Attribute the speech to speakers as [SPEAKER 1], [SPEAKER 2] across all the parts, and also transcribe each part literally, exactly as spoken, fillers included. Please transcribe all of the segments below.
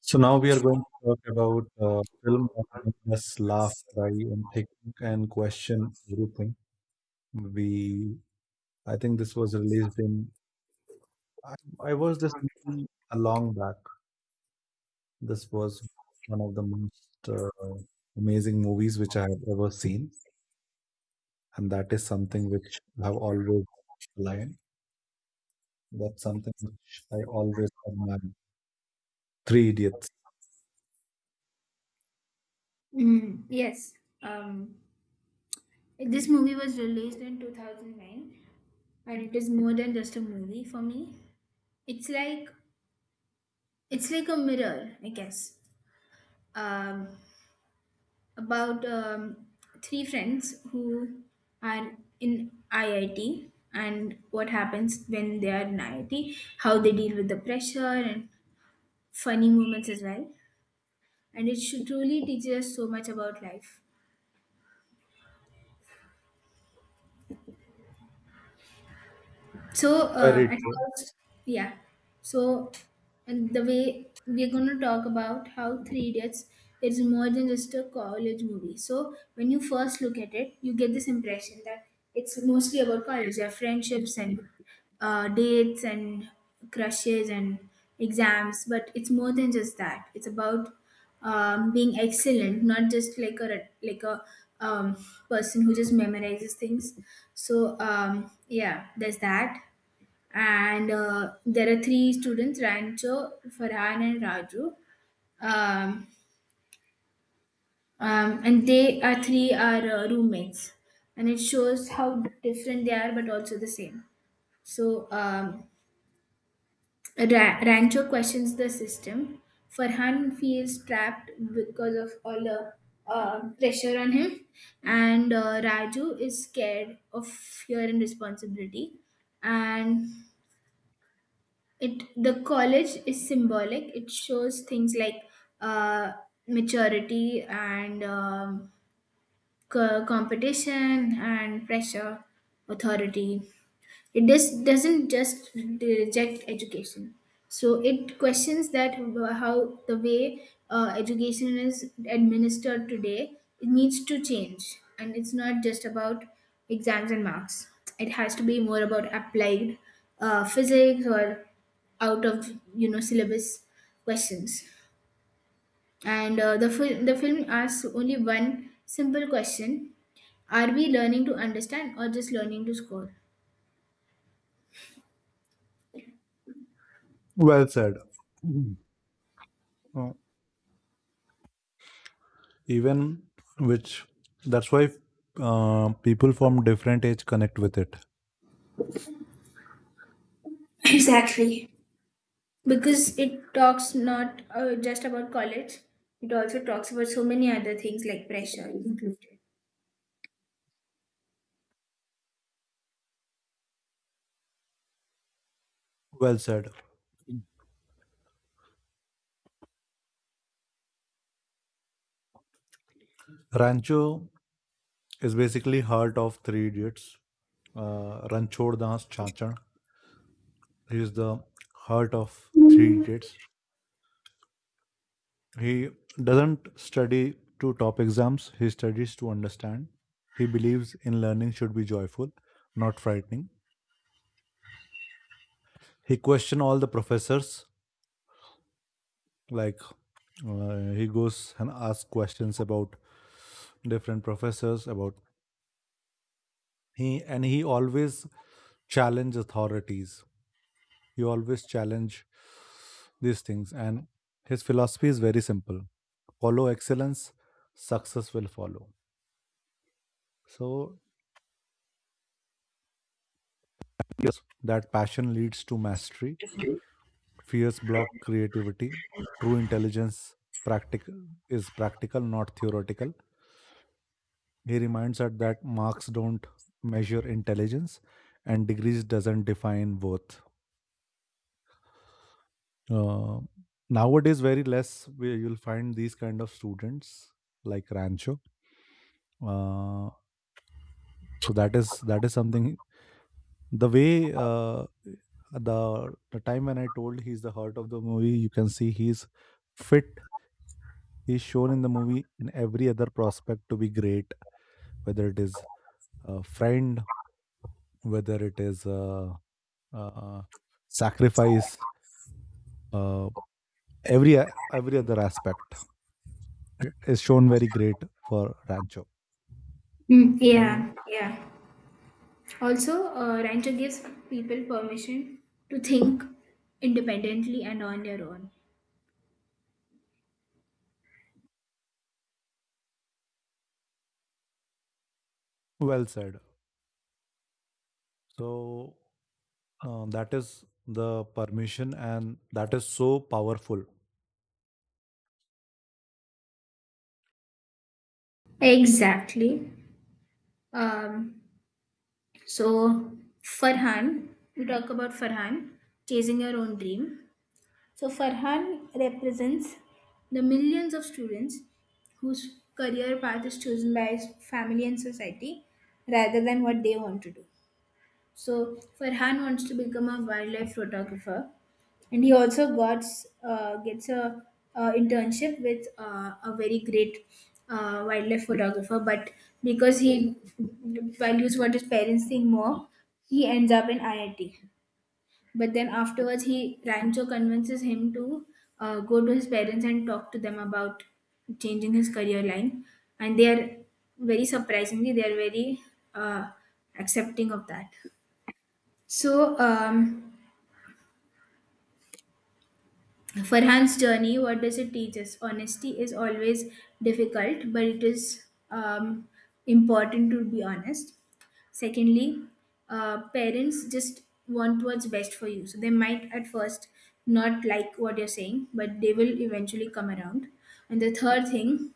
[SPEAKER 1] So now we are going to talk about uh, film that made us laugh, cry, and think and question everything. We, I think this was released in. I, I was this movie a long back. This was one of the most uh, amazing movies which I have ever seen, and that is something which I have always aligned. That's something which I always admire. Three Idiots.
[SPEAKER 2] Mm, yes. Um, this movie was released in two thousand nine and it is more than just a movie for me. It's like it's like a mirror, I guess. Um, about um, three friends who are in I I T and what happens when they are in I I T, how they deal with the pressure and funny moments as well. And it should truly teaches us so much about life. So um,
[SPEAKER 1] Very
[SPEAKER 2] at
[SPEAKER 1] true.
[SPEAKER 2] first, yeah. So And the way we're going to talk about how Three Idiots is more than just a college movie. So when you first look at it, you get this impression that it's mostly about college, their friendships and uh, dates and crushes and exams. But it's more than just that. It's about um, being excellent, not just like a like a um, person who just memorizes things. So um, yeah, there's that and uh, there are three students Rancho, Farhan, and Raju. Um, um, and they are three are uh, roommates, and it shows how different they are, but also the same. So um, Ra- Rancho questions the system. Farhan feels trapped because of all the uh, pressure on him, and uh, Raju is scared of fear and responsibility, and it the college is symbolic. It shows things like uh, maturity and um, co- competition and pressure authority. It just doesn't just reject education, so it questions that. How the way uh, education is administered today, it needs to change, and it's not just about exams and marks. It has to be more about applied uh, physics or out of you know syllabus questions. And uh, the, fil- the film asks only one simple question: are we learning to understand or just learning to score?
[SPEAKER 1] Well said. Mhm. even which That's why uh, people from different age connect with it.
[SPEAKER 2] Exactly. Because it talks not uh, just about college, it also talks about so many other things like pressure inclusion.
[SPEAKER 1] Well said. Rancho is basically heart of three idiots. Uh, ranchor Das Chachar, he is the heart of three idiots. He doesn't study to top exams, he studies to understand. He believes in learning should be joyful, not frightening. He questioned all the professors like. Uh, he goes and asks questions about different professors about, he and he always challenge authorities. He always challenge these things, and his philosophy is very simple: follow excellence, success will follow. So yes, that passion leads to mastery. Fears block creativity. True intelligence practical is practical, not theoretical. He reminds us that marks don't measure intelligence and degrees doesn't define worth. Uh, Nowadays, very less where you'll find these kind of students like Rancho. Uh, so that is that is something. The way uh, the the time when I told he's the heart of the movie, you can see he's fit. He's shown in the movie in every other prospect to be great, whether it is a friend, whether it is a, uh sacrifice, uh, every every other aspect is shown very great for Rancho.
[SPEAKER 2] Mm,
[SPEAKER 1] And
[SPEAKER 2] yeah. Yeah, also uh, Rancho gives people permission to think independently and on their own.
[SPEAKER 1] well said. So uh, that is the permission, and that is so powerful.
[SPEAKER 2] Exactly. um, so Farhan, we talk about Farhan chasing her own dream. So Farhan represents the millions of students whose career path is chosen by his family and society rather than what they want to do. So Farhan wants to become a wildlife photographer, and he also got uh, gets a uh, internship with uh, a very great uh, wildlife photographer. But because he values what his parents think more, he ends up in I I T. But then afterwards, he Rancho convinces him to uh, go to his parents and talk to them about changing his career line, and they are, very surprisingly, they are very uh, accepting of that. So um, Farhan's journey, what does it teach us? Honesty is always difficult, but it is um, important to be honest. Secondly, uh, parents just want what's best for you. So they might at first not like what you're saying, but they will eventually come around. And the third thing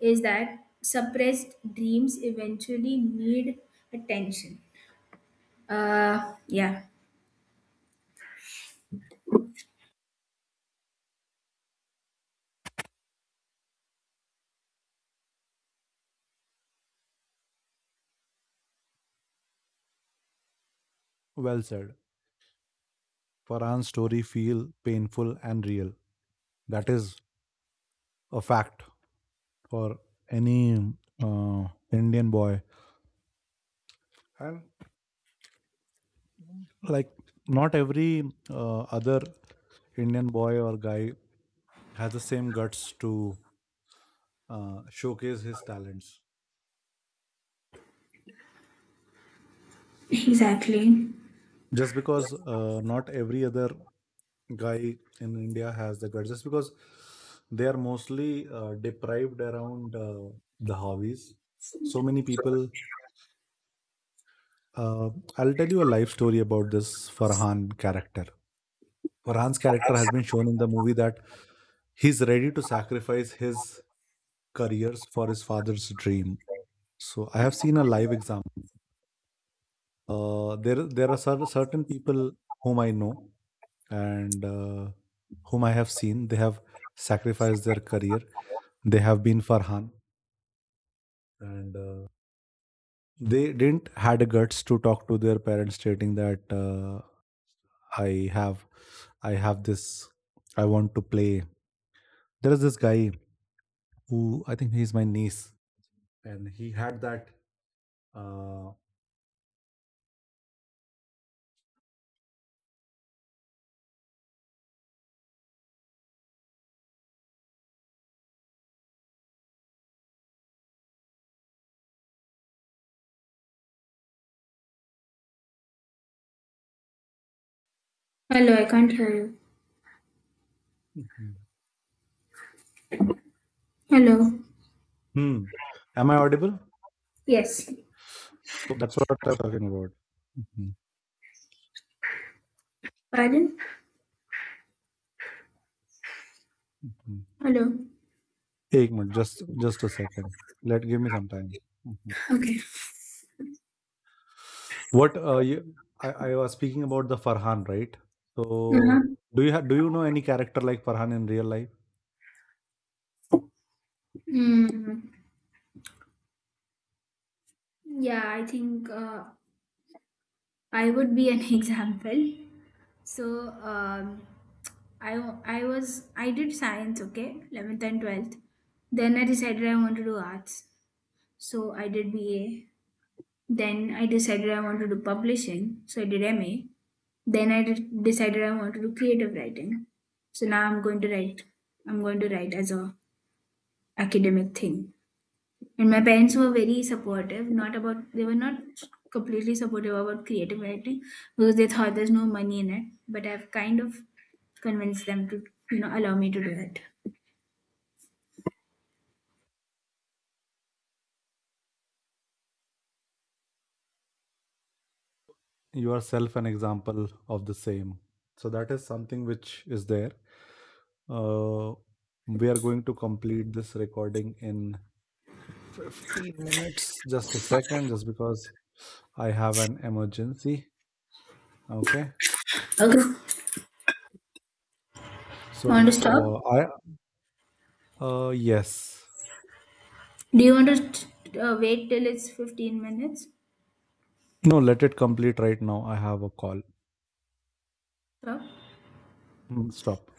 [SPEAKER 2] is that suppressed dreams eventually need attention. Uh, yeah.
[SPEAKER 1] Well said. Farhan's story feel painful and real. That is a fact for any uh, Indian boy. And like, not every uh, other Indian boy or guy has the same guts to uh, showcase his talents,
[SPEAKER 2] Exactly.
[SPEAKER 1] just because uh, not every other guy in India has the guts, just because they are mostly uh, deprived around uh, the hobbies. So many people. Uh, I'll tell you a life story about this Farhan character. Farhan's character has been shown in the movie that he's ready to sacrifice his careers for his father's dream. So I have seen a live example. Uh, there, there are cer- certain people whom I know, and uh, whom I have seen, they have sacrificed their career. They have been Farhan, and uh, they didn't had a guts to talk to their parents, stating that uh, I have, I have this, I want to play. There is this guy who I think he's my niece, and he had that. Uh.
[SPEAKER 2] Hello, I can't hear you.
[SPEAKER 1] Mhm.
[SPEAKER 2] Hello.
[SPEAKER 1] Hmm. Am I audible?
[SPEAKER 2] Yes.
[SPEAKER 1] So that's what I'm talking about. Mhm.
[SPEAKER 2] Pardon?
[SPEAKER 1] Mhm.
[SPEAKER 2] Hello.
[SPEAKER 1] एक minute, just just a second, let give me some time. Mhm.
[SPEAKER 2] Okay.
[SPEAKER 1] What uh, you, I, I was speaking about the Farhan, right?
[SPEAKER 2] Uh-huh.
[SPEAKER 1] So do you ha- do you know any character like Farhan in real life?
[SPEAKER 2] Mm. Yeah, I think uh, I would be an example. So um, I wa- I was I did science, okay, eleventh and twelfth. Then I decided I want to do arts. So I did B A. Then I decided I want to do publishing. So I did M A. Then I did, decided I want to do creative writing. So now I'm going to write. I'm going to write as a academic thing. And my parents were very supportive, not about they were not completely supportive about creative writing because they thought there's no money in it. But I've kind of convinced them to, you know, allow me to do it.
[SPEAKER 1] You are self an example of the same. So that is something which is there. Uh, we are going to complete this recording in fifteen minutes. Just a second, just because I have an emergency. Okay.
[SPEAKER 2] Okay. Want to stop?
[SPEAKER 1] So uh, I uh, yes.
[SPEAKER 2] Do you want to uh, wait till it's 15 minutes?
[SPEAKER 1] No, let it complete right now. I have a call.
[SPEAKER 2] Stop.
[SPEAKER 1] Mm, stop.